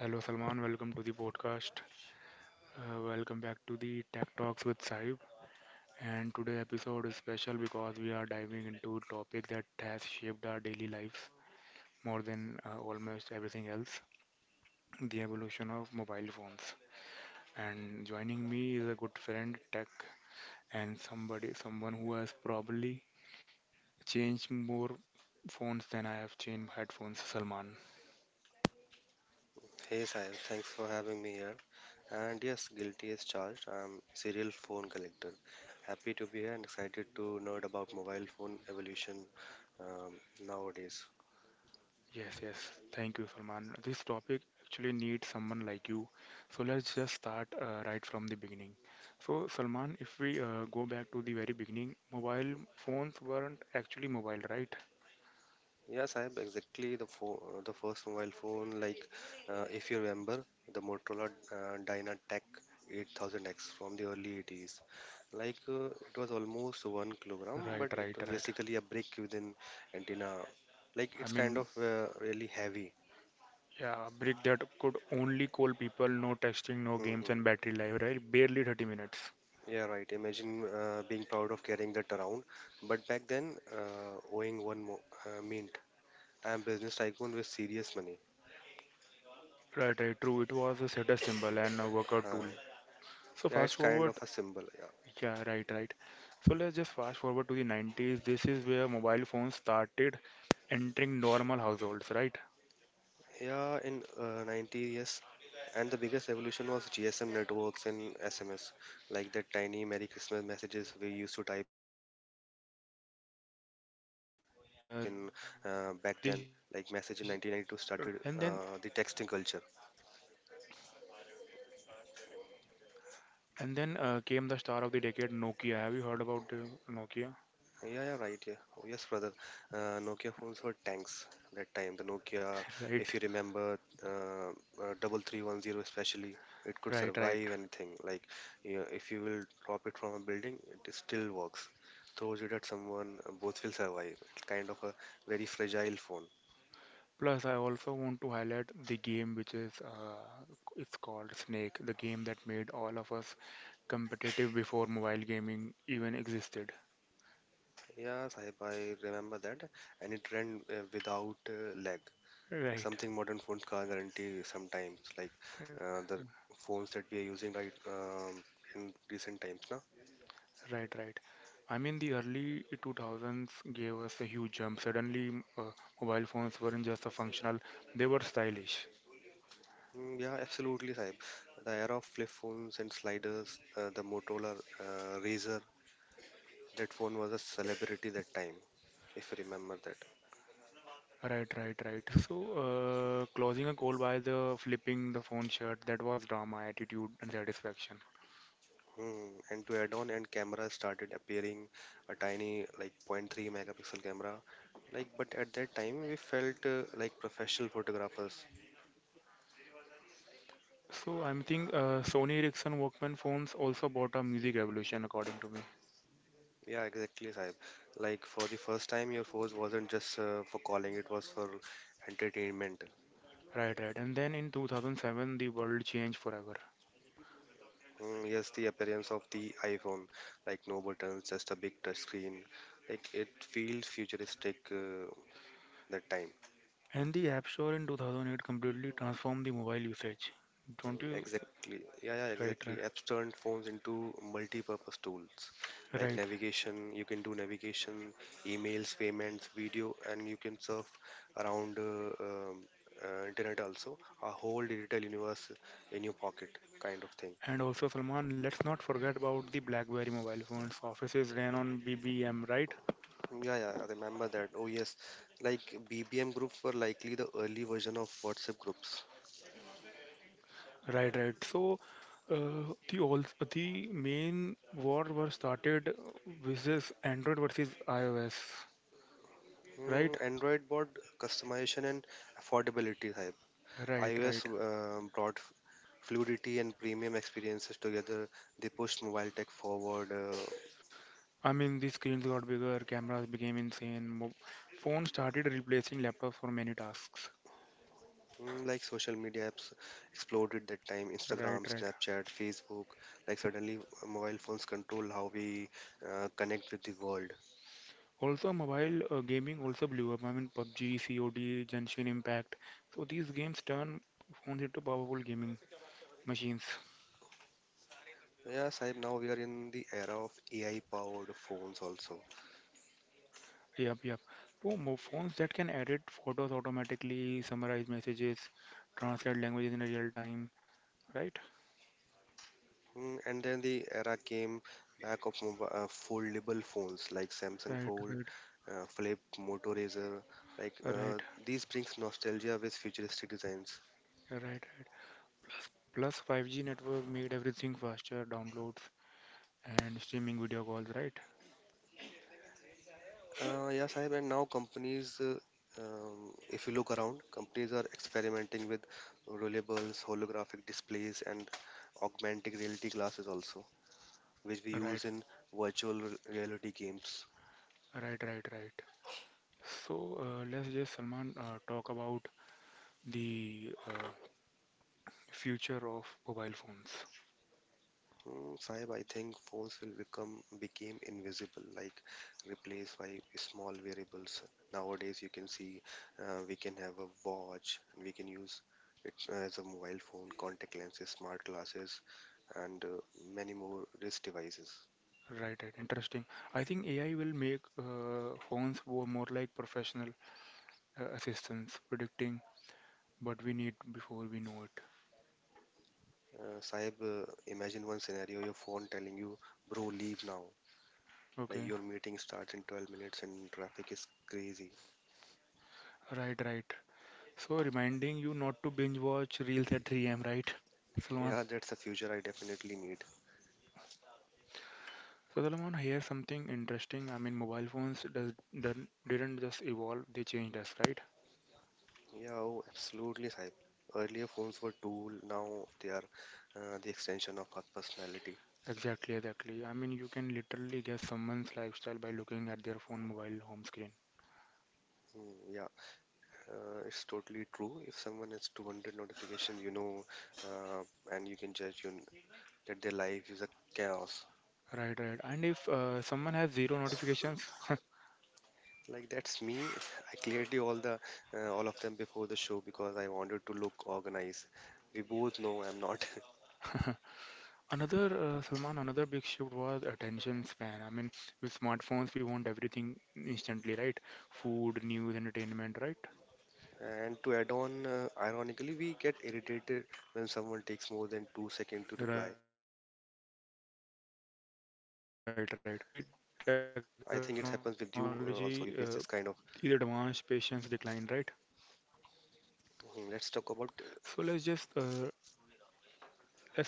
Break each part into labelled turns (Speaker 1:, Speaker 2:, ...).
Speaker 1: Hello Salman, welcome to the podcast. Welcome back to the Tech Talks with Saib. And today episode is special because we are diving into a topic that has shaped our daily lives more than almost everything else, the evolution of mobile phones. And joining me is a good friend, Tech, and someone who has probably changed more phones than I have changed headphones, Salman.
Speaker 2: Hey Sahil, thanks for having me here. And yes, guilty is charged. I'm serial phone collector. Happy to be here and excited to nerd about mobile phone evolution um, nowadays.
Speaker 1: Yes, yes. Thank you, Salman. This topic actually needs someone like you. So let's just start right from the beginning. So, Salman, if we go back to the very beginning, mobile phones weren't actually mobile, right?
Speaker 2: Yes, I have exactly the phone, the first mobile phone. If you remember, the Motorola DynaTech 8000X from the early 80s. It was almost 1 kilogram,
Speaker 1: Right,
Speaker 2: but it
Speaker 1: right,
Speaker 2: was
Speaker 1: right.
Speaker 2: basically a brick within antenna. Like,
Speaker 1: I
Speaker 2: it's kind
Speaker 1: mean,
Speaker 2: of really heavy.
Speaker 1: yeah, brick that could only call people, no texting, no games,
Speaker 2: hmm
Speaker 1: and battery life, right? Barely 30 minutes.
Speaker 2: Yeah, right. Imagine being proud of carrying that around. But back then, mint, I am business tycoon with serious money.
Speaker 1: Right, right, true. It was a status symbol and a workout
Speaker 2: Uh,
Speaker 1: tool. So
Speaker 2: yeah,
Speaker 1: fast
Speaker 2: it's kind of
Speaker 1: forward.
Speaker 2: a symbol. Yeah,
Speaker 1: Yeah, right, right. So let's just fast forward to the 90s. This is where mobile phones started entering normal households, right?
Speaker 2: yeah. In 90 years, and the biggest evolution was GSM networks and SMS, like that tiny Merry Christmas messages we used to type in
Speaker 1: Right,
Speaker 2: back
Speaker 1: right.
Speaker 2: then.
Speaker 1: And
Speaker 2: Like
Speaker 1: then
Speaker 2: message in 1992 started
Speaker 1: right, right.
Speaker 2: the texting culture.
Speaker 1: And then and then came the star of the decade, Nokia. Have you heard about the Nokia?
Speaker 2: Yeah, yeah, right. Yeah. Oh, yes, brother. Nokia phones were tanks that time. The Nokia,
Speaker 1: Right,
Speaker 2: if you remember, 3310 especially, it could
Speaker 1: right, right.
Speaker 2: survive anything. Like, you if you will drop it from a building, it still works. Throws it at someone, both will survive. It's kind of a very fragile phone.
Speaker 1: Plus, I also want to highlight the game which is it's called Snake, the game that made all of us competitive before mobile gaming even existed.
Speaker 2: Yeah, Sahib, I remember that. And it ran without lag.
Speaker 1: Right.
Speaker 2: Something modern phones can't guarantee sometimes, like the phones that we are using right in recent times, na?
Speaker 1: Right, right. I mean, the early 2000s gave us a huge jump. Suddenly, mobile phones weren't just a functional, they were stylish.
Speaker 2: Mm, yeah, absolutely, Saib. The era of flip phones and sliders, the Motorola Razor, that phone was a celebrity that time, if you remember that.
Speaker 1: Right, right, right. So, closing a call by the flipping the phone shut, that was drama, attitude, and satisfaction.
Speaker 2: Hmm. And to add on, and cameras started appearing, a tiny like 0.3 megapixel camera. Like, but at that time we felt like professional photographers.
Speaker 1: So, I'm think Sony Ericsson Walkman phones also brought a music revolution, according to me.
Speaker 2: Yeah, exactly, Saib. Like for the first time, your force wasn't just for calling; it was for entertainment.
Speaker 1: Right, right. And then in 2007, the world changed forever.
Speaker 2: Mm, yes, the appearance of the iPhone, like no buttons, just a big touch screen, like it feels futuristic that time.
Speaker 1: And the App Store in 2008 completely transformed the mobile usage. Don't you?
Speaker 2: Exactly. Yeah, yeah,
Speaker 1: Right,
Speaker 2: exactly.
Speaker 1: right.
Speaker 2: Apps turned phones into multi-purpose tools like
Speaker 1: Right.
Speaker 2: navigation. You can do navigation, emails, payments, video, and you can surf around internet also. A whole digital universe in your pocket, kind of thing.
Speaker 1: And also, Salman, let's not forget about the BlackBerry mobile phones. Offices ran on BBM, right?
Speaker 2: Yeah, yeah, I remember that. Oh yes, like BBM groups were likely the early version of WhatsApp groups.
Speaker 1: Right, right. So, the all the main war was started versus Android versus iOS, right?
Speaker 2: Mm, Android bought customization and affordability,
Speaker 1: Right,
Speaker 2: iOS
Speaker 1: right.
Speaker 2: brought fluidity and premium experiences together. They pushed mobile tech forward.
Speaker 1: I mean, the screens got bigger, cameras became insane. Mo phones started replacing laptops for many tasks.
Speaker 2: Mm, like social media apps exploded that time.
Speaker 1: Right,
Speaker 2: Instagram,
Speaker 1: right.
Speaker 2: Snapchat, Facebook. Like suddenly, mobile phones control how we connect with the world.
Speaker 1: Also, mobile gaming also blew up. I mean, PUBG, COD, Genshin Impact. So these games turn phones into powerful gaming machines.
Speaker 2: Yes, I now we are in the era of AI-powered phones also.
Speaker 1: Yep, yep. So phones that can edit photos automatically, summarize messages, translate languages in real time. Right,
Speaker 2: Mm, and then the era came back of foldable phones like Samsung
Speaker 1: right,
Speaker 2: Fold,
Speaker 1: right,
Speaker 2: Flip, Moto Razr. Like uh,
Speaker 1: right,
Speaker 2: these brings nostalgia with futuristic designs.
Speaker 1: right, right. Plus, 5G network made everything faster, downloads and streaming video calls. Right,
Speaker 2: Yeah, Sahib, and now companies, if you look around, companies are experimenting with rollables, holographic displays, and augmented reality glasses also, which we
Speaker 1: right,
Speaker 2: use in reality games.
Speaker 1: right, right, right. So let's just Salman talk about the future of mobile phones.
Speaker 2: Mm, Saib, I think phones will become became invisible, like replaced by small variables. Nowadays, you can see we can have a watch, and we can use it as a mobile phone, contact lenses, smart glasses, and many more wrist devices.
Speaker 1: Right, right, interesting. I think AI will make more like professional assistants, predicting what we need before we know it.
Speaker 2: Saib, imagine one scenario: your phone telling you, "Bro, leave now." Like
Speaker 1: Okay,
Speaker 2: your meeting starts in 12 minutes and traffic is crazy.
Speaker 1: right, right. So, reminding you not to binge watch reels at 3 a.m., right, Salman?
Speaker 2: Yeah, that's the future I definitely need.
Speaker 1: So, Salman, here's something interesting. I mean, mobile phones does, done- didn't just evolve, they changed us, right?
Speaker 2: Yeah, oh, absolutely, Saib. Earlier phones were tool, now they are the extension of our personality.
Speaker 1: Exactly, exactly. I mean, you can literally guess someone's lifestyle by looking at their phone mobile home screen.
Speaker 2: Mm, yeah, it's totally true. If someone has 200 notifications, uh, and you can judge you that their life is a chaos.
Speaker 1: Right, right. And if someone has zero notifications,
Speaker 2: Like that's me. I cleared you all the all of them before the show because I wanted to look organized. We both know I'm not.
Speaker 1: another Salman, another big shift was attention span. I mean, with smartphones, we want everything instantly, right? Food, news, entertainment, right?
Speaker 2: And to add on, ironically, we get irritated when someone takes more than 2 seconds to
Speaker 1: Right,
Speaker 2: reply.
Speaker 1: right.
Speaker 2: I think
Speaker 1: So
Speaker 2: it
Speaker 1: by
Speaker 2: happens
Speaker 1: I
Speaker 2: with
Speaker 1: think
Speaker 2: you
Speaker 1: the
Speaker 2: also. You face
Speaker 1: technology
Speaker 2: this kind of.
Speaker 1: is advanced, patience declined, right? So
Speaker 2: Hmm, let's talk about.
Speaker 1: let's talk about the cameras, okay?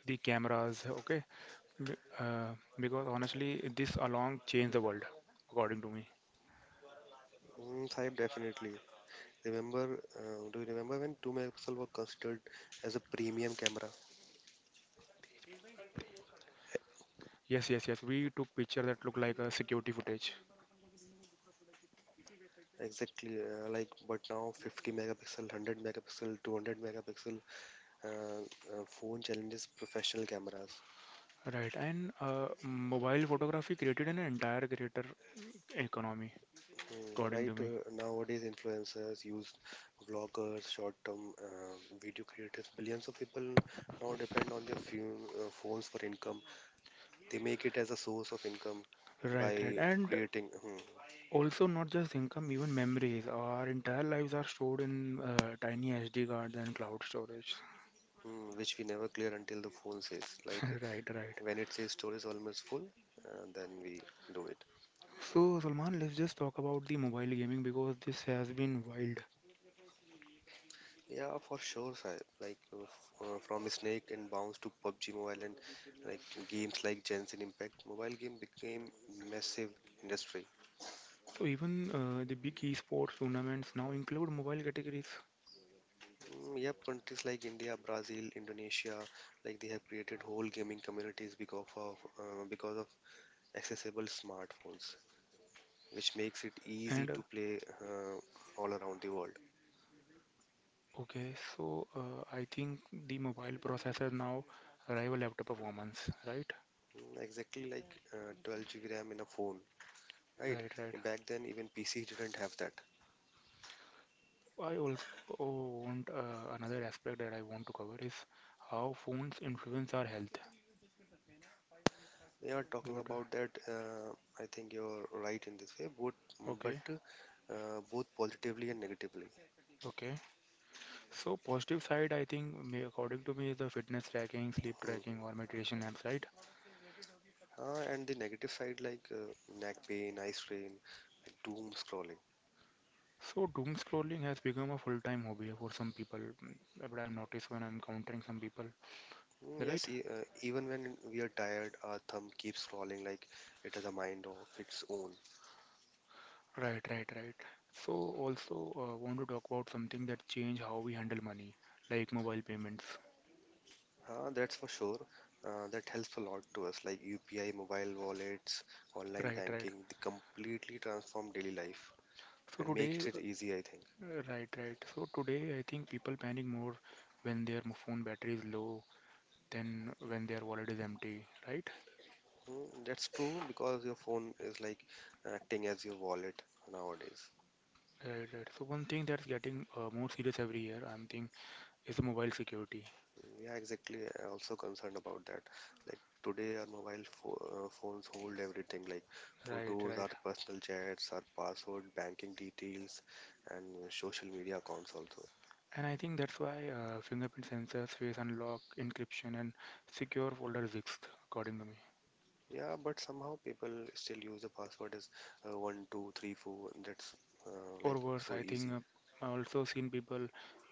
Speaker 1: Be- Uh, because honestly, this along changed the world, according to me.
Speaker 2: Saib, definitely. Remember, do you remember when 2 megapixel were considered as a premium camera?
Speaker 1: Yes, yes, yes. We took picture that looked like a security footage.
Speaker 2: Exactly, like but now 50 megapixel, 100 megapixel, 200 megapixel phone challenges professional cameras.
Speaker 1: Right. And mobile photography created an entire greater economy,
Speaker 2: Hmm,
Speaker 1: according to
Speaker 2: right,
Speaker 1: me.
Speaker 2: nowadays, influencers use vloggers, short-term video creators. Billions of people now depend on their phones for income. They make it as a source of income
Speaker 1: Right, right.
Speaker 2: by
Speaker 1: And
Speaker 2: creating.
Speaker 1: also not just income, even memories. Our entire lives are stored in tiny SD cards and cloud storage.
Speaker 2: Which we never clear until the phone says. Like
Speaker 1: Right, right.
Speaker 2: when it says store is almost full, then we do it.
Speaker 1: So, Salman, let's just talk about the mobile gaming because this has been wild.
Speaker 2: Yeah, for sure, sir. Like from Snake and Bounce to PUBG Mobile and like games like Jensen Impact, mobile game became massive industry.
Speaker 1: So, even the big esports tournaments now include mobile categories.
Speaker 2: Mm, yep, countries like India, Brazil, Indonesia, like they have created whole gaming communities because of accessible smartphones, which makes it
Speaker 1: And
Speaker 2: easy to play all around the world.
Speaker 1: okay, so I think the mobile processor now rival laptop performance, right?
Speaker 2: Mm, exactly, like 12 GB RAM in a phone, right?
Speaker 1: Right, right.
Speaker 2: Back then, even PC didn't have that.
Speaker 1: I also want another aspect that I want to cover is how phones influence our health.
Speaker 2: We are talking
Speaker 1: What, uh,
Speaker 2: about that. I think you're right in this way, both, but
Speaker 1: okay,
Speaker 2: both positively and negatively.
Speaker 1: okay. So positive side, I think, may, according to me, is the fitness tracking, sleep tracking,
Speaker 2: hmm
Speaker 1: or meditation apps, right?
Speaker 2: And the negative side, like neck pain, eye strain, and doom scrolling.
Speaker 1: So doom scrolling has become a full-time hobby for some people, mm, but I've noticed when I'm countering some people,
Speaker 2: Mm, yes,
Speaker 1: right?
Speaker 2: even when we are tired, our thumb keeps scrolling like it has a mind of its own.
Speaker 1: Right, right, right. So also want to talk about something that change how we handle money, like mobile payments.
Speaker 2: That's for sure. That helps a lot to us, like UPI, mobile wallets, online
Speaker 1: Right, right.
Speaker 2: banking. They completely transform daily life
Speaker 1: So
Speaker 2: and
Speaker 1: today,
Speaker 2: makes it easy, I think.
Speaker 1: right, right. So today, I think people panic more when their phone battery is low than when their wallet is empty. Right,
Speaker 2: Mm, that's true because your phone is like acting as your wallet nowadays.
Speaker 1: right, right. So one thing that's getting more serious every year, I'm thinking, is the mobile security.
Speaker 2: Yeah, exactly. I also concerned about that. Like today, our phones hold everything, like
Speaker 1: Right,
Speaker 2: photos,
Speaker 1: right.
Speaker 2: our personal chats, our password, banking details, and social media accounts also.
Speaker 1: And I think that's why fingerprint sensors, face unlock, encryption, and secure folders exist, according to me.
Speaker 2: Yeah, but somehow people still use the password as one, two, three, four. That's uh,
Speaker 1: Or
Speaker 2: like
Speaker 1: worse I
Speaker 2: so
Speaker 1: think
Speaker 2: easy.
Speaker 1: I also seen people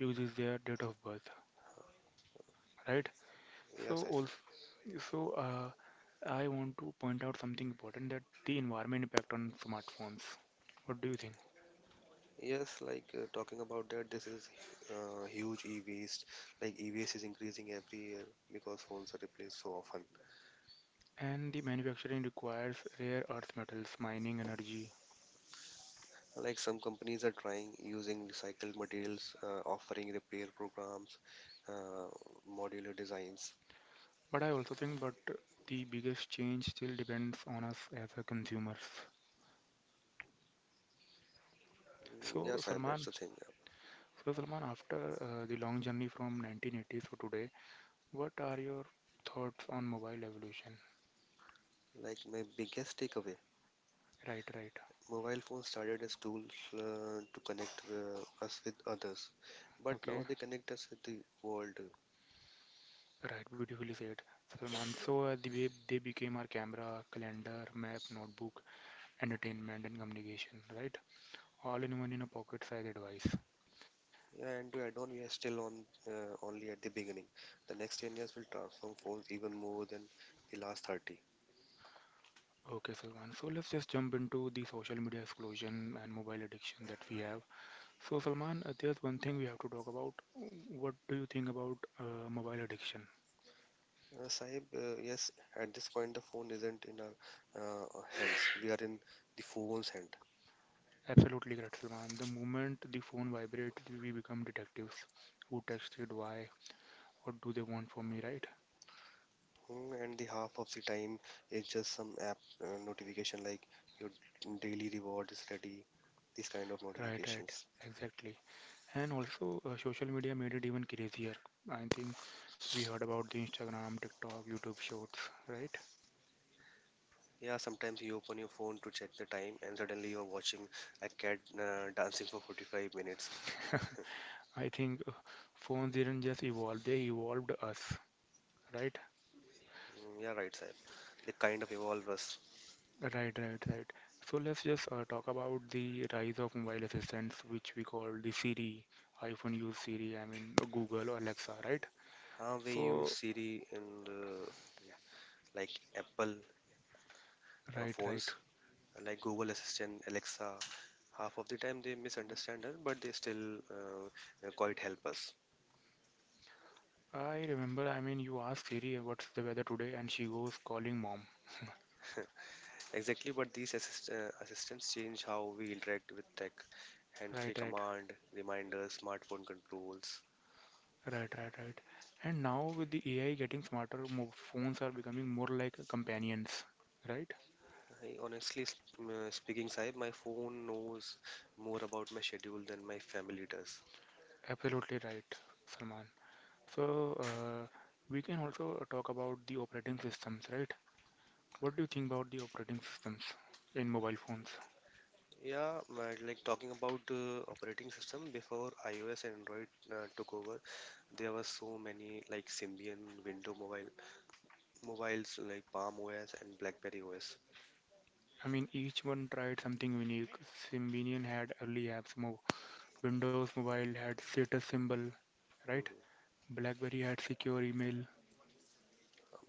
Speaker 1: uses their date of birth, right. So
Speaker 2: Yes, I,
Speaker 1: also, so uh, I want to point out something important that the environment impact on smartphones. What do you think?
Speaker 2: yes. Like talking about that, this is huge e-waste. Like e-waste is increasing every year because phones are replaced so often.
Speaker 1: And the manufacturing requires rare earth metals mining energy.
Speaker 2: Like some companies are trying using recycled materials, offering repair programs, uh, modular designs.
Speaker 1: But I also think, but the biggest change still depends on us as a consumers.
Speaker 2: Mm,
Speaker 1: So
Speaker 2: Yes, I. That's
Speaker 1: Salman,
Speaker 2: the thing.
Speaker 1: so Salman after the long journey from 1980s to today, what are your thoughts on mobile evolution?
Speaker 2: Like my biggest takeaway,
Speaker 1: Right, right.
Speaker 2: mobile phones started as tools to connect us with others, but now
Speaker 1: Okay,
Speaker 2: they connect us with the world.
Speaker 1: right. Beautifully said. Salman, so the way they became our camera, calendar, map, notebook, entertainment, and communication, right? All in one in a pocket sized advice.
Speaker 2: And to add on, we are still on only at the beginning. The next 10 years will transform phones even more than the last 30.
Speaker 1: Okay, Salman. So let's just jump into the social media explosion and mobile addiction that we have. So, Salman, there's one thing we have to talk about. What do you think about mobile addiction?
Speaker 2: Saib, yes, at this point, the phone isn't in our hands. We are in the phone's hand.
Speaker 1: Absolutely correct, Salman. The moment the phone vibrates, we become detectives. Who texted? Why? What do they want from me, right?
Speaker 2: Hmm, and the half of the time is just some app notification like your daily reward is ready, these kind of
Speaker 1: Right, right,
Speaker 2: notifications.
Speaker 1: exactly. And also, social media made it even crazier. I think we heard about the Instagram, TikTok, YouTube Shorts, right?
Speaker 2: Yeah, sometimes you open your phone to check the time, and suddenly you're watching a cat dancing for 45 minutes.
Speaker 1: I think phones didn't just evolve, they evolved us, right?
Speaker 2: Mm, yeah, right, sir. They kind of evolve us.
Speaker 1: Right, right, right. So let's just talk about the rise of mobile assistants, which we call the Siri, iPhone use Siri, I mean Google or Alexa, right?
Speaker 2: How we use
Speaker 1: So,
Speaker 2: Siri in the, like Apple
Speaker 1: right, right.
Speaker 2: phones, like Google Assistant, Alexa. Half of the time they misunderstand us, but they still quite help us.
Speaker 1: I remember, I mean, you ask Siri what's the weather today, and she goes calling mom.
Speaker 2: Exactly, but these assistants change how we interact with tech. Hand-free
Speaker 1: Right, right.
Speaker 2: command, reminders, smartphone controls.
Speaker 1: Right, right, right. And now with the AI getting smarter, mo phones are becoming more like companions, right?
Speaker 2: I honestly speaking, Saib, my phone knows more about my schedule than my family does.
Speaker 1: Absolutely right, Salman. So, we can also talk about the operating systems, right? What do you think about the operating systems in mobile phones?
Speaker 2: Yeah, like talking about operating system, before iOS and Android took over, there were so many like Symbian, Windows Mobile, mobiles like Palm OS and BlackBerry OS.
Speaker 1: I mean, each one tried something unique. Symbian had early apps, Mo Windows Mobile had status symbol, right?
Speaker 2: Mhm.
Speaker 1: BlackBerry had secure email.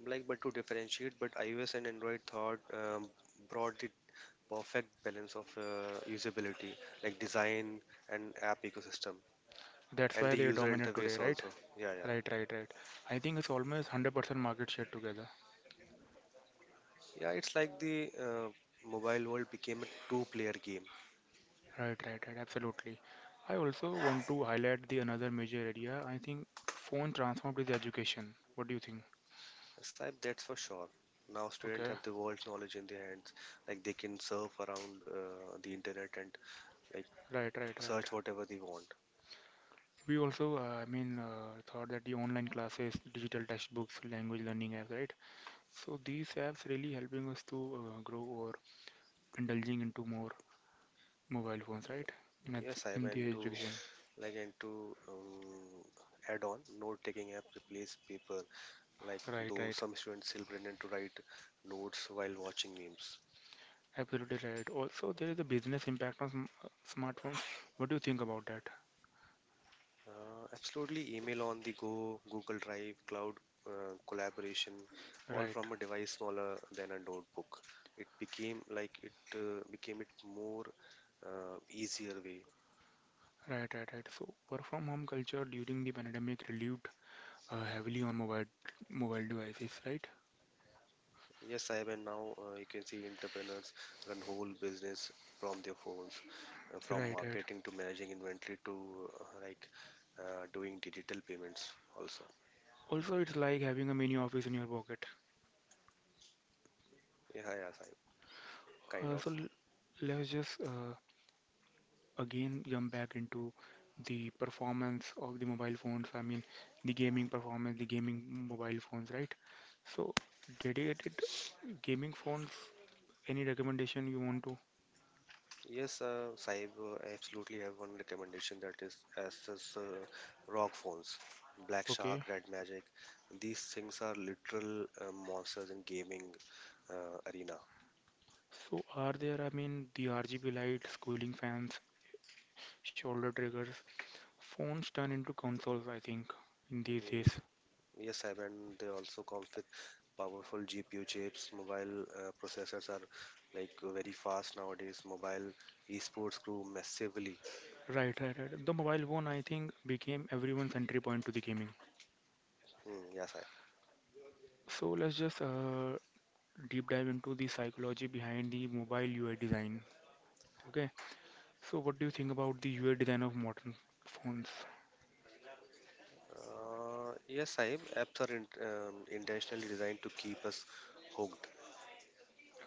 Speaker 2: Like, but to differentiate, but iOS and Android thought brought the perfect balance of usability, like design and app ecosystem,
Speaker 1: That's
Speaker 2: and
Speaker 1: why
Speaker 2: the
Speaker 1: they are
Speaker 2: user
Speaker 1: dominant today,
Speaker 2: interface
Speaker 1: right?
Speaker 2: also. Yeah, yeah.
Speaker 1: Right, right, right. I think it's almost 100% market share together.
Speaker 2: Yeah, it's like the mobile world became a two player game.
Speaker 1: Right, right, right. Absolutely. I also want to highlight the another major area. I think phone transformed is education. What do you think?
Speaker 2: Saib, that's for sure. Now students
Speaker 1: Okay.
Speaker 2: have the world's knowledge in their hands. Like they can surf around the internet and like
Speaker 1: Right, right, right.
Speaker 2: search whatever they want.
Speaker 1: We also, thought that the online classes, digital textbooks, language learning apps, right? So these apps really helping us to grow or indulging into more mobile phones, right? In, ed-
Speaker 2: Yes, I
Speaker 1: in the
Speaker 2: and to
Speaker 1: education.
Speaker 2: like and to add on, note-taking apps replace paper. Like
Speaker 1: Right,
Speaker 2: though
Speaker 1: right.
Speaker 2: some students still pretend to write notes while watching memes.
Speaker 1: Absolutely right. Also, there is a business impact on sm smartphones. What do you think about that?
Speaker 2: Absolutely, email on the go, Google Drive, cloud collaboration, all
Speaker 1: Right,
Speaker 2: from a device smaller than a notebook. It became like it became it more easier way.
Speaker 1: right, right, right. So, work from home culture during the pandemic relieved heavily on mobile devices, right?
Speaker 2: Yes, I have, and now you can see entrepreneurs run whole business from their phones, from
Speaker 1: Right, right.
Speaker 2: marketing to managing inventory to like doing digital payments also.
Speaker 1: Also, it's like having a mini office in your pocket.
Speaker 2: Yeah, yeah, Sai, kind
Speaker 1: Uh,
Speaker 2: of.
Speaker 1: so l- let's just again jump back into the performance of the mobile phones. I mean, the gaming performance, the gaming mobile phones, right? So, dedicated gaming phones. Any recommendation you want to?
Speaker 2: Yes, Saib, I absolutely have one recommendation that is Asus ROG phones, Black
Speaker 1: Okay,
Speaker 2: Shark, Red Magic. These things are literal monsters in gaming arena.
Speaker 1: so are there, I mean, the RGB lights, cooling fans, shoulder triggers, phones turn into consoles, I think, in these
Speaker 2: Mm,
Speaker 1: days.
Speaker 2: yes, Saib, and they also comes with powerful GPU chips. Mobile processors are like very fast nowadays. Mobile esports grew massively.
Speaker 1: Right, right, right. The mobile phone, I think, became everyone's entry point to the gaming.
Speaker 2: Mm, yes, Saib.
Speaker 1: So let's just deep dive into the psychology behind the mobile UI design. Okay, so what do you think about the UI design of modern phones?
Speaker 2: Yes, Saib, apps are in, intentionally designed to keep us hooked.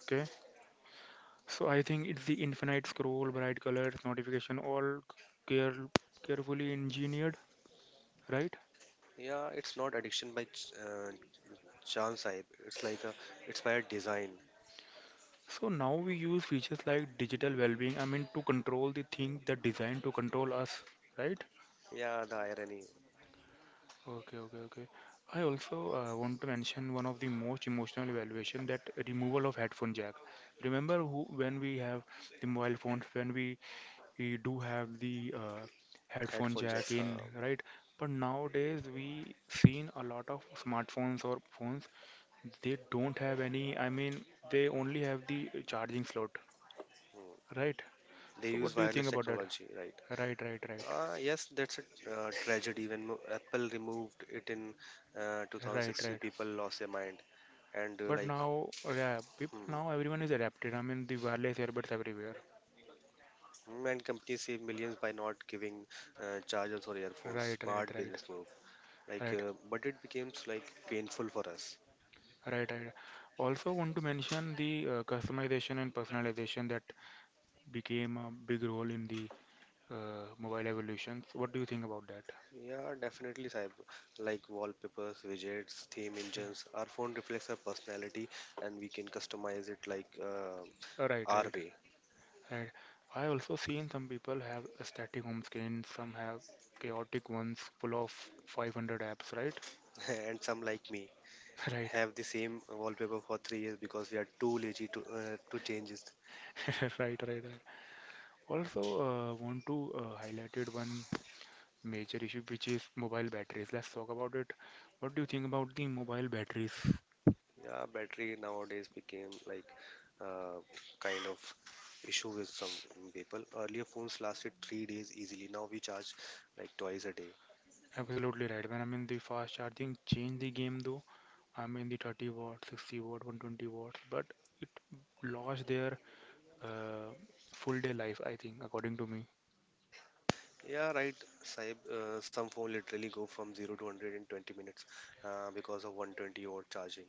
Speaker 1: Okay, so I think it's the infinite scroll, bright colors, notification, all care carefully engineered, right?
Speaker 2: Yeah, it's not addiction by chance, I. It's like it's by design.
Speaker 1: So now we use features like digital well-being, I mean, to control the thing that designed to control us, right?
Speaker 2: Yeah, the irony.
Speaker 1: Okay, okay, okay. I also want to mention one of the most emotional evaluation that removal of headphone jack. Remember who, when we have the mobile phones, when we do have the headphone
Speaker 2: Headphone
Speaker 1: jack
Speaker 2: jacks. Huh?
Speaker 1: in, right? But nowadays we seen a lot of smartphones or phones they don't have any. I mean, they only have the charging slot,
Speaker 2: Hmm.
Speaker 1: right?
Speaker 2: They
Speaker 1: So
Speaker 2: use
Speaker 1: what do you think
Speaker 2: wireless
Speaker 1: about that?
Speaker 2: technology, right?
Speaker 1: Right, right, right,
Speaker 2: Ah, yes, that's a tragedy. Apple removed it in
Speaker 1: right,
Speaker 2: 2016,
Speaker 1: right.
Speaker 2: people lost their mind. And
Speaker 1: But
Speaker 2: like,
Speaker 1: now, yeah, people
Speaker 2: hmm,
Speaker 1: now everyone is adapted. I mean, the wireless earbuds everywhere.
Speaker 2: hmm, and companies save millions by not giving chargers or earphones.
Speaker 1: Right, right,
Speaker 2: Smart
Speaker 1: right,
Speaker 2: business move. Like,
Speaker 1: right,
Speaker 2: uh, but it becomes like painful for us.
Speaker 1: right. Also, want to mention the customization and personalization that became a big role in the mobile evolutions. What do you think about that?
Speaker 2: Yeah, definitely, Saib. Like wallpapers, widgets, theme
Speaker 1: Yeah.
Speaker 2: engines, our phone reflects our personality and we can customize it
Speaker 1: Right,
Speaker 2: our
Speaker 1: right,
Speaker 2: way.
Speaker 1: right. I also seen some people have a static home screen, some have chaotic ones full of 500 apps, right?
Speaker 2: And some like me
Speaker 1: Right,
Speaker 2: have the same wallpaper for 3 years because we are too lazy to change it.
Speaker 1: Right, right, right. Also, want to highlighted one major issue which is mobile batteries. Let's talk about it. What do you think about the mobile batteries?
Speaker 2: Yeah, battery nowadays became uh, kind of issue with some people. Earlier phones lasted 3 days easily. Now we charge like twice a day.
Speaker 1: Absolutely right. When I mean the fast charging changed the game though. I mean the 30 watt, 60 watt, 120 watts, but it lost their uh, full day life, I think, according to me.
Speaker 2: Yeah, right. Saib, some phone literally go from 0 to 100 in 20 minutes because of 120-watt charging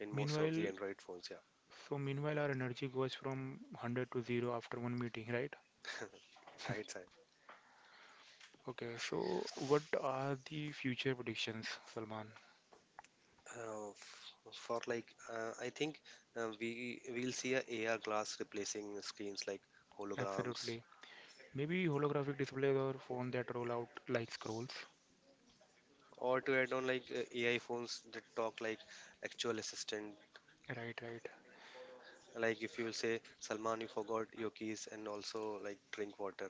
Speaker 2: in most of the
Speaker 1: Meanwhile,
Speaker 2: Android phones. Yeah,
Speaker 1: so meanwhile our energy goes from 100 to 0 after one meeting, right?
Speaker 2: right, Saib.
Speaker 1: Okay, so what are the future predictions, Salman?
Speaker 2: Uh, f- for like, I think we will see a AR glass replacing screens like holograms,
Speaker 1: Absolutely. Maybe holographic displays or phone that roll out like scrolls.
Speaker 2: or to add on like AI phones that talk like actual assistant.
Speaker 1: Right, right.
Speaker 2: Like if you will say, Salman, you forgot your keys, and also like drink water.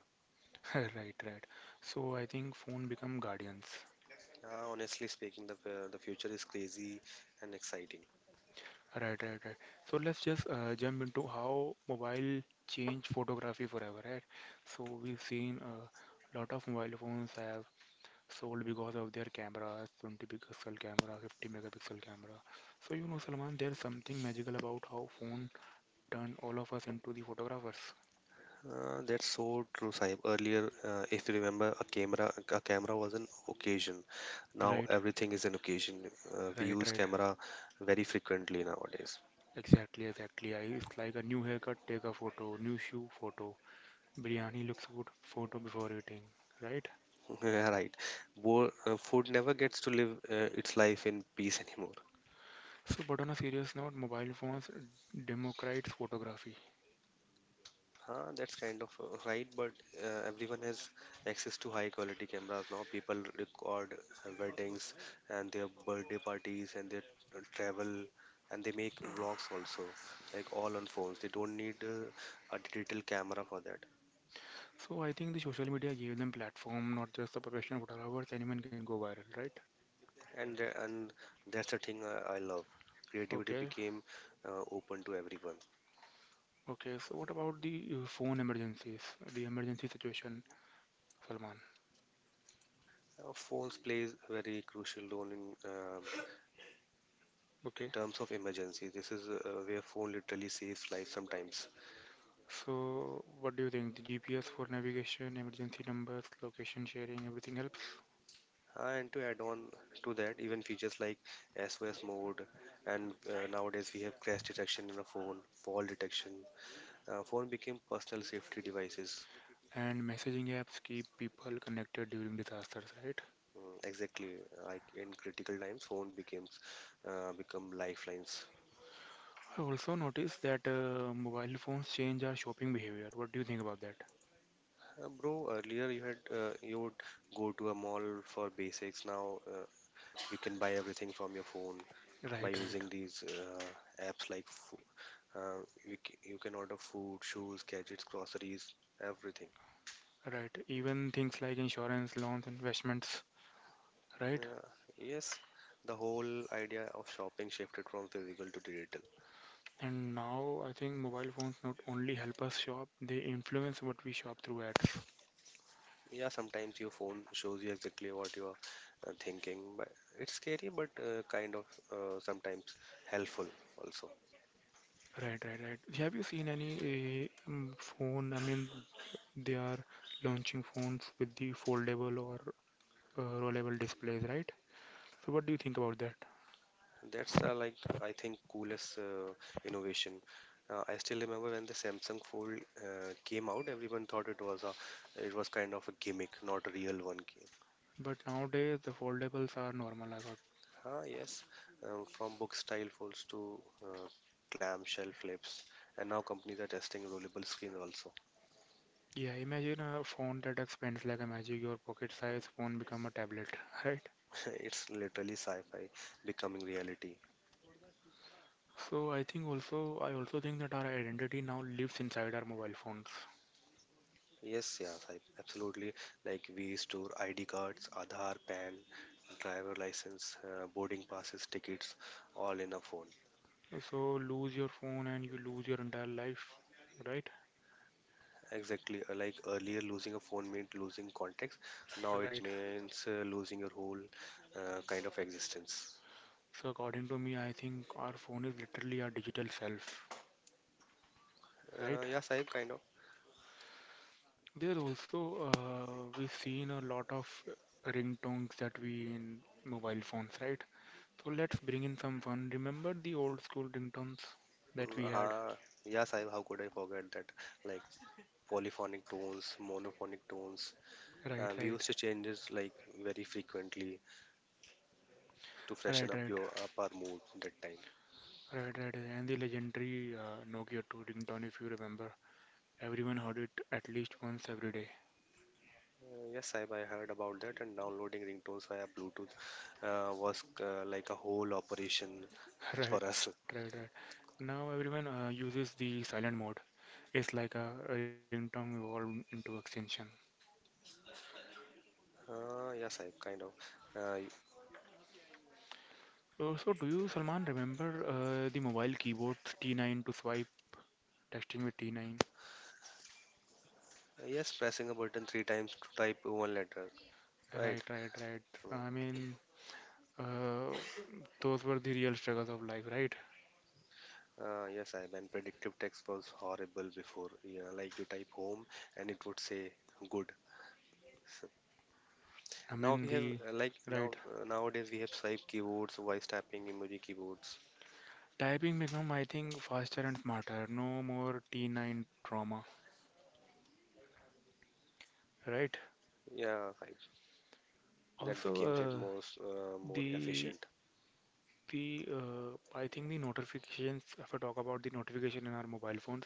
Speaker 1: Right, right. So I think phone become guardians.
Speaker 2: Honestly speaking, the future is crazy and exciting.
Speaker 1: Right, right, right. So let's just jump into how mobile changed photography forever, right? So we've seen a lot of mobile phones have sold because of their cameras, 20 pixel camera, 50 megapixel camera. So you know, Salman, there's something magical about how phone turned all of us into the photographers.
Speaker 2: That's so true, Sahib. Earlier, if you remember, a camera was an occasion. Now
Speaker 1: Right,
Speaker 2: everything is an occasion. We
Speaker 1: right,
Speaker 2: use
Speaker 1: right.
Speaker 2: camera very frequently nowadays.
Speaker 1: Exactly, exactly. It's like a new haircut, take a photo, new shoe, photo. Biryani looks good, photo before eating, right?
Speaker 2: Yeah, right. Food never gets to live its life in peace anymore.
Speaker 1: So, but on a serious note, mobile phones democratize photography.
Speaker 2: Huh, that's kind of right, but Everyone has access to high quality cameras now. People record weddings and their birthday parties and their travel and they make vlogs also, like all on phones. They don't need a digital camera for that.
Speaker 1: So, I think the social media gave them platform, not just the professional photographers, anyone can go viral, right?
Speaker 2: And that's the thing I love. Creativity
Speaker 1: Okay,
Speaker 2: became open to everyone.
Speaker 1: okay. So, what about the phone emergencies, the emergency situation, Salman?
Speaker 2: Phones plays a very crucial role in
Speaker 1: Okay.
Speaker 2: terms of emergency. This is where phone literally saves life sometimes.
Speaker 1: So, what do you think? The GPS for navigation, emergency numbers, location sharing, everything helps?
Speaker 2: And to add on to that, even features like SOS mode, and nowadays we have crash detection in a phone, fall detection. Phone became personal safety devices.
Speaker 1: And messaging apps keep people connected during disasters, right?
Speaker 2: Mm, exactly, like in critical times, phone becomes become lifelines.
Speaker 1: I also noticed that mobile phones change our shopping behavior. What do you think about that?
Speaker 2: Bro, earlier you would go to a mall for basics. Now you can buy everything from your phone by
Speaker 1: Right,
Speaker 2: using these apps uh, you can order food, shoes, gadgets, groceries, everything.
Speaker 1: right, right. Even things like insurance, loans, investments, right?
Speaker 2: Uh, yes, the whole idea of shopping shifted from physical to digital.
Speaker 1: And now I think mobile phones not only help us shop, they influence what we shop through ads.
Speaker 2: Yeah, sometimes your phone shows you exactly what you are thinking, but it's scary, but kind of sometimes helpful also.
Speaker 1: Right, right, right. Have you seen any phone? I mean, they are launching phones with the foldable or rollable displays, right? So, what do you think about that?
Speaker 2: That's I think coolest innovation. I still remember when the Samsung Fold came out, everyone thought it it was kind of a gimmick, not a real one.
Speaker 1: But nowadays, the foldables are normal, I got.
Speaker 2: Ah, yes, from book style folds to clamshell flips, and now companies are testing rollable screens also.
Speaker 1: Yeah, imagine a phone that expands like a magic, your pocket size phone become a tablet, right?
Speaker 2: It's literally sci-fi becoming reality.
Speaker 1: So I think also, I also think that our identity now lives inside our mobile phones.
Speaker 2: Yes, absolutely. Like we store ID cards, Aadhaar, PAN, driver license, boarding passes, tickets, all in a phone.
Speaker 1: So lose your phone and you lose your entire life, right?
Speaker 2: Exactly, like earlier, losing a phone meant losing context. Now it
Speaker 1: Right.
Speaker 2: means losing your whole kind of existence.
Speaker 1: So according to me, I think our phone is literally our digital self, right?
Speaker 2: Yes, I kind of.
Speaker 1: There also, we've seen a lot of ringtones that we in mobile phones, right? So let's bring in some fun. Remember the old school ringtones that
Speaker 2: Mm.
Speaker 1: we had?
Speaker 2: Yes, I how could I forget that? Like polyphonic tones, monophonic tones.
Speaker 1: Right,
Speaker 2: We
Speaker 1: right,
Speaker 2: used to change this like very frequently to freshen
Speaker 1: right,
Speaker 2: up
Speaker 1: right,
Speaker 2: your up our mood that time.
Speaker 1: right. And the legendary Nokia 2 ringtone, if you remember. Everyone heard it at least once every day.
Speaker 2: Yes, I heard about that, and downloading ringtones via Bluetooth was like a whole operation
Speaker 1: Right,
Speaker 2: for
Speaker 1: right,
Speaker 2: us.
Speaker 1: right. Now everyone uses the silent mode. It's like a ringtone evolved into extension.
Speaker 2: Yes, I kind of. Uh, y-
Speaker 1: So, do you, Salman, remember the mobile keyboards T9 to swipe texting with T9?
Speaker 2: yes, pressing a button three times to type one letter, right?
Speaker 1: Right, right, right.
Speaker 2: Mm.
Speaker 1: I mean, uh, those were the real struggles of life, right?
Speaker 2: Yes, I mean, predictive text was horrible before. Yeah, like you type home and it would say good.
Speaker 1: I
Speaker 2: Now
Speaker 1: mean,
Speaker 2: we have
Speaker 1: the
Speaker 2: uh, like now
Speaker 1: right
Speaker 2: Nowadays we have swipe keyboards, voice tapping, emoji keyboards.
Speaker 1: typing become, I think, faster and smarter. No more T9 trauma, right?
Speaker 2: Yeah, right. That
Speaker 1: Also,
Speaker 2: became said
Speaker 1: uh,
Speaker 2: most more
Speaker 1: the
Speaker 2: efficient.
Speaker 1: the I think the notifications. If I talk about the notification in our mobile phones,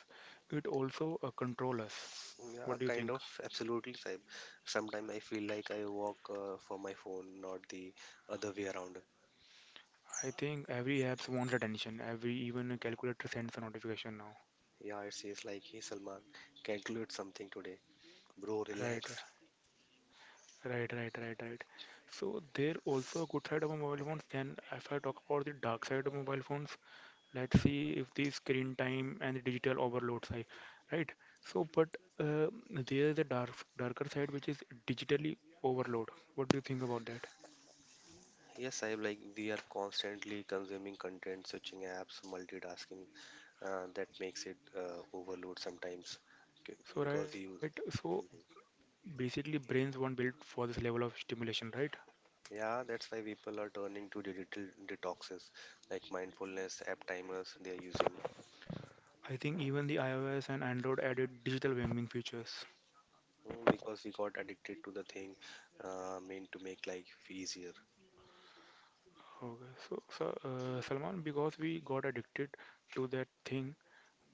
Speaker 1: it also control us.
Speaker 2: Yeah,
Speaker 1: What do you
Speaker 2: kind
Speaker 1: think?
Speaker 2: of absolutely same. Sometimes I feel like I walk for my phone, not the other way around.
Speaker 1: I think every apps wants attention. Every even a calculator sends a notification now.
Speaker 2: Yeah, it says like, hey Salman, calculate something today, bro.
Speaker 1: Right,
Speaker 2: Relax.
Speaker 1: right. So there also a good side of a mobile phones. Then if I talk about the dark side of mobile phones, let's see if the screen time and the digital overload side, right? So but uh, there is a darker side which is digitally overload. What do you think about that?
Speaker 2: Yes, I like we are constantly consuming content, switching apps, multitasking. That makes it overload sometimes. K-
Speaker 1: So right,
Speaker 2: because you,
Speaker 1: so
Speaker 2: mhm,
Speaker 1: basically brains weren't built for this level of stimulation, right?
Speaker 2: yeah, that's why people are turning to digital detoxes like mindfulness app timers they are using.
Speaker 1: I think even the iOS and Android added digital gaming features.
Speaker 2: Mm, because we got addicted to the thing meant to make life easier.
Speaker 1: Okay, so Salman, because we got addicted to that thing,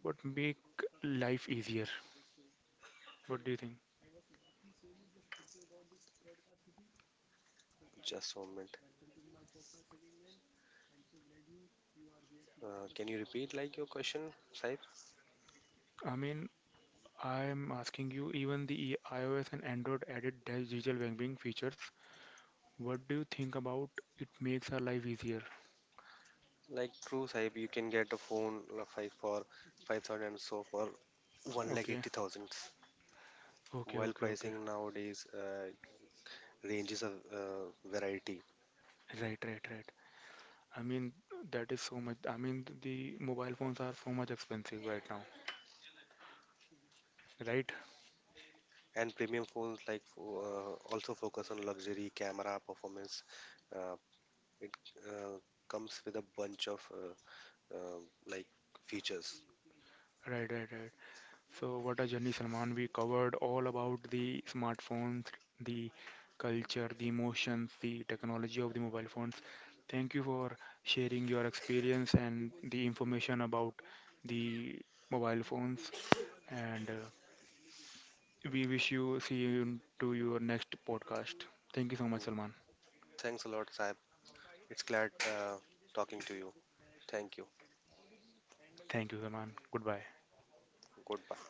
Speaker 1: what make life easier? What do you think?
Speaker 2: Just 1 minute. Can you repeat like your question, Saib?
Speaker 1: I mean, I am asking you, even iOS and Android added digital banking features. What do you think about it makes our life easier?
Speaker 2: Like true, Saib, you can get a phone five for 5,000 and so for one lakh
Speaker 1: Okay,
Speaker 2: eighty thousand.
Speaker 1: okay,
Speaker 2: While
Speaker 1: okay, okay.
Speaker 2: pricing nowadays ranges a variety,
Speaker 1: Right, right, right. I mean, that is so much. I mean, the mobile phones are so much expensive right now, right?
Speaker 2: and premium phones also focus on luxury, camera, performance. Uh, it uh, comes with a bunch of uh, like features.
Speaker 1: Right, right, right. So, what a journey, Salman. We covered all about the smartphones, the culture, the emotions, the technology of the mobile phones. Thank you for sharing your experience and the information about the mobile phones. And we wish you see you to your next podcast. Thank you so much,
Speaker 2: Mm,
Speaker 1: Salman.
Speaker 2: thanks a lot, Saib. It's glad talking to you. Thank you.
Speaker 1: Thank you, Salman. Goodbye.
Speaker 2: Goodbye.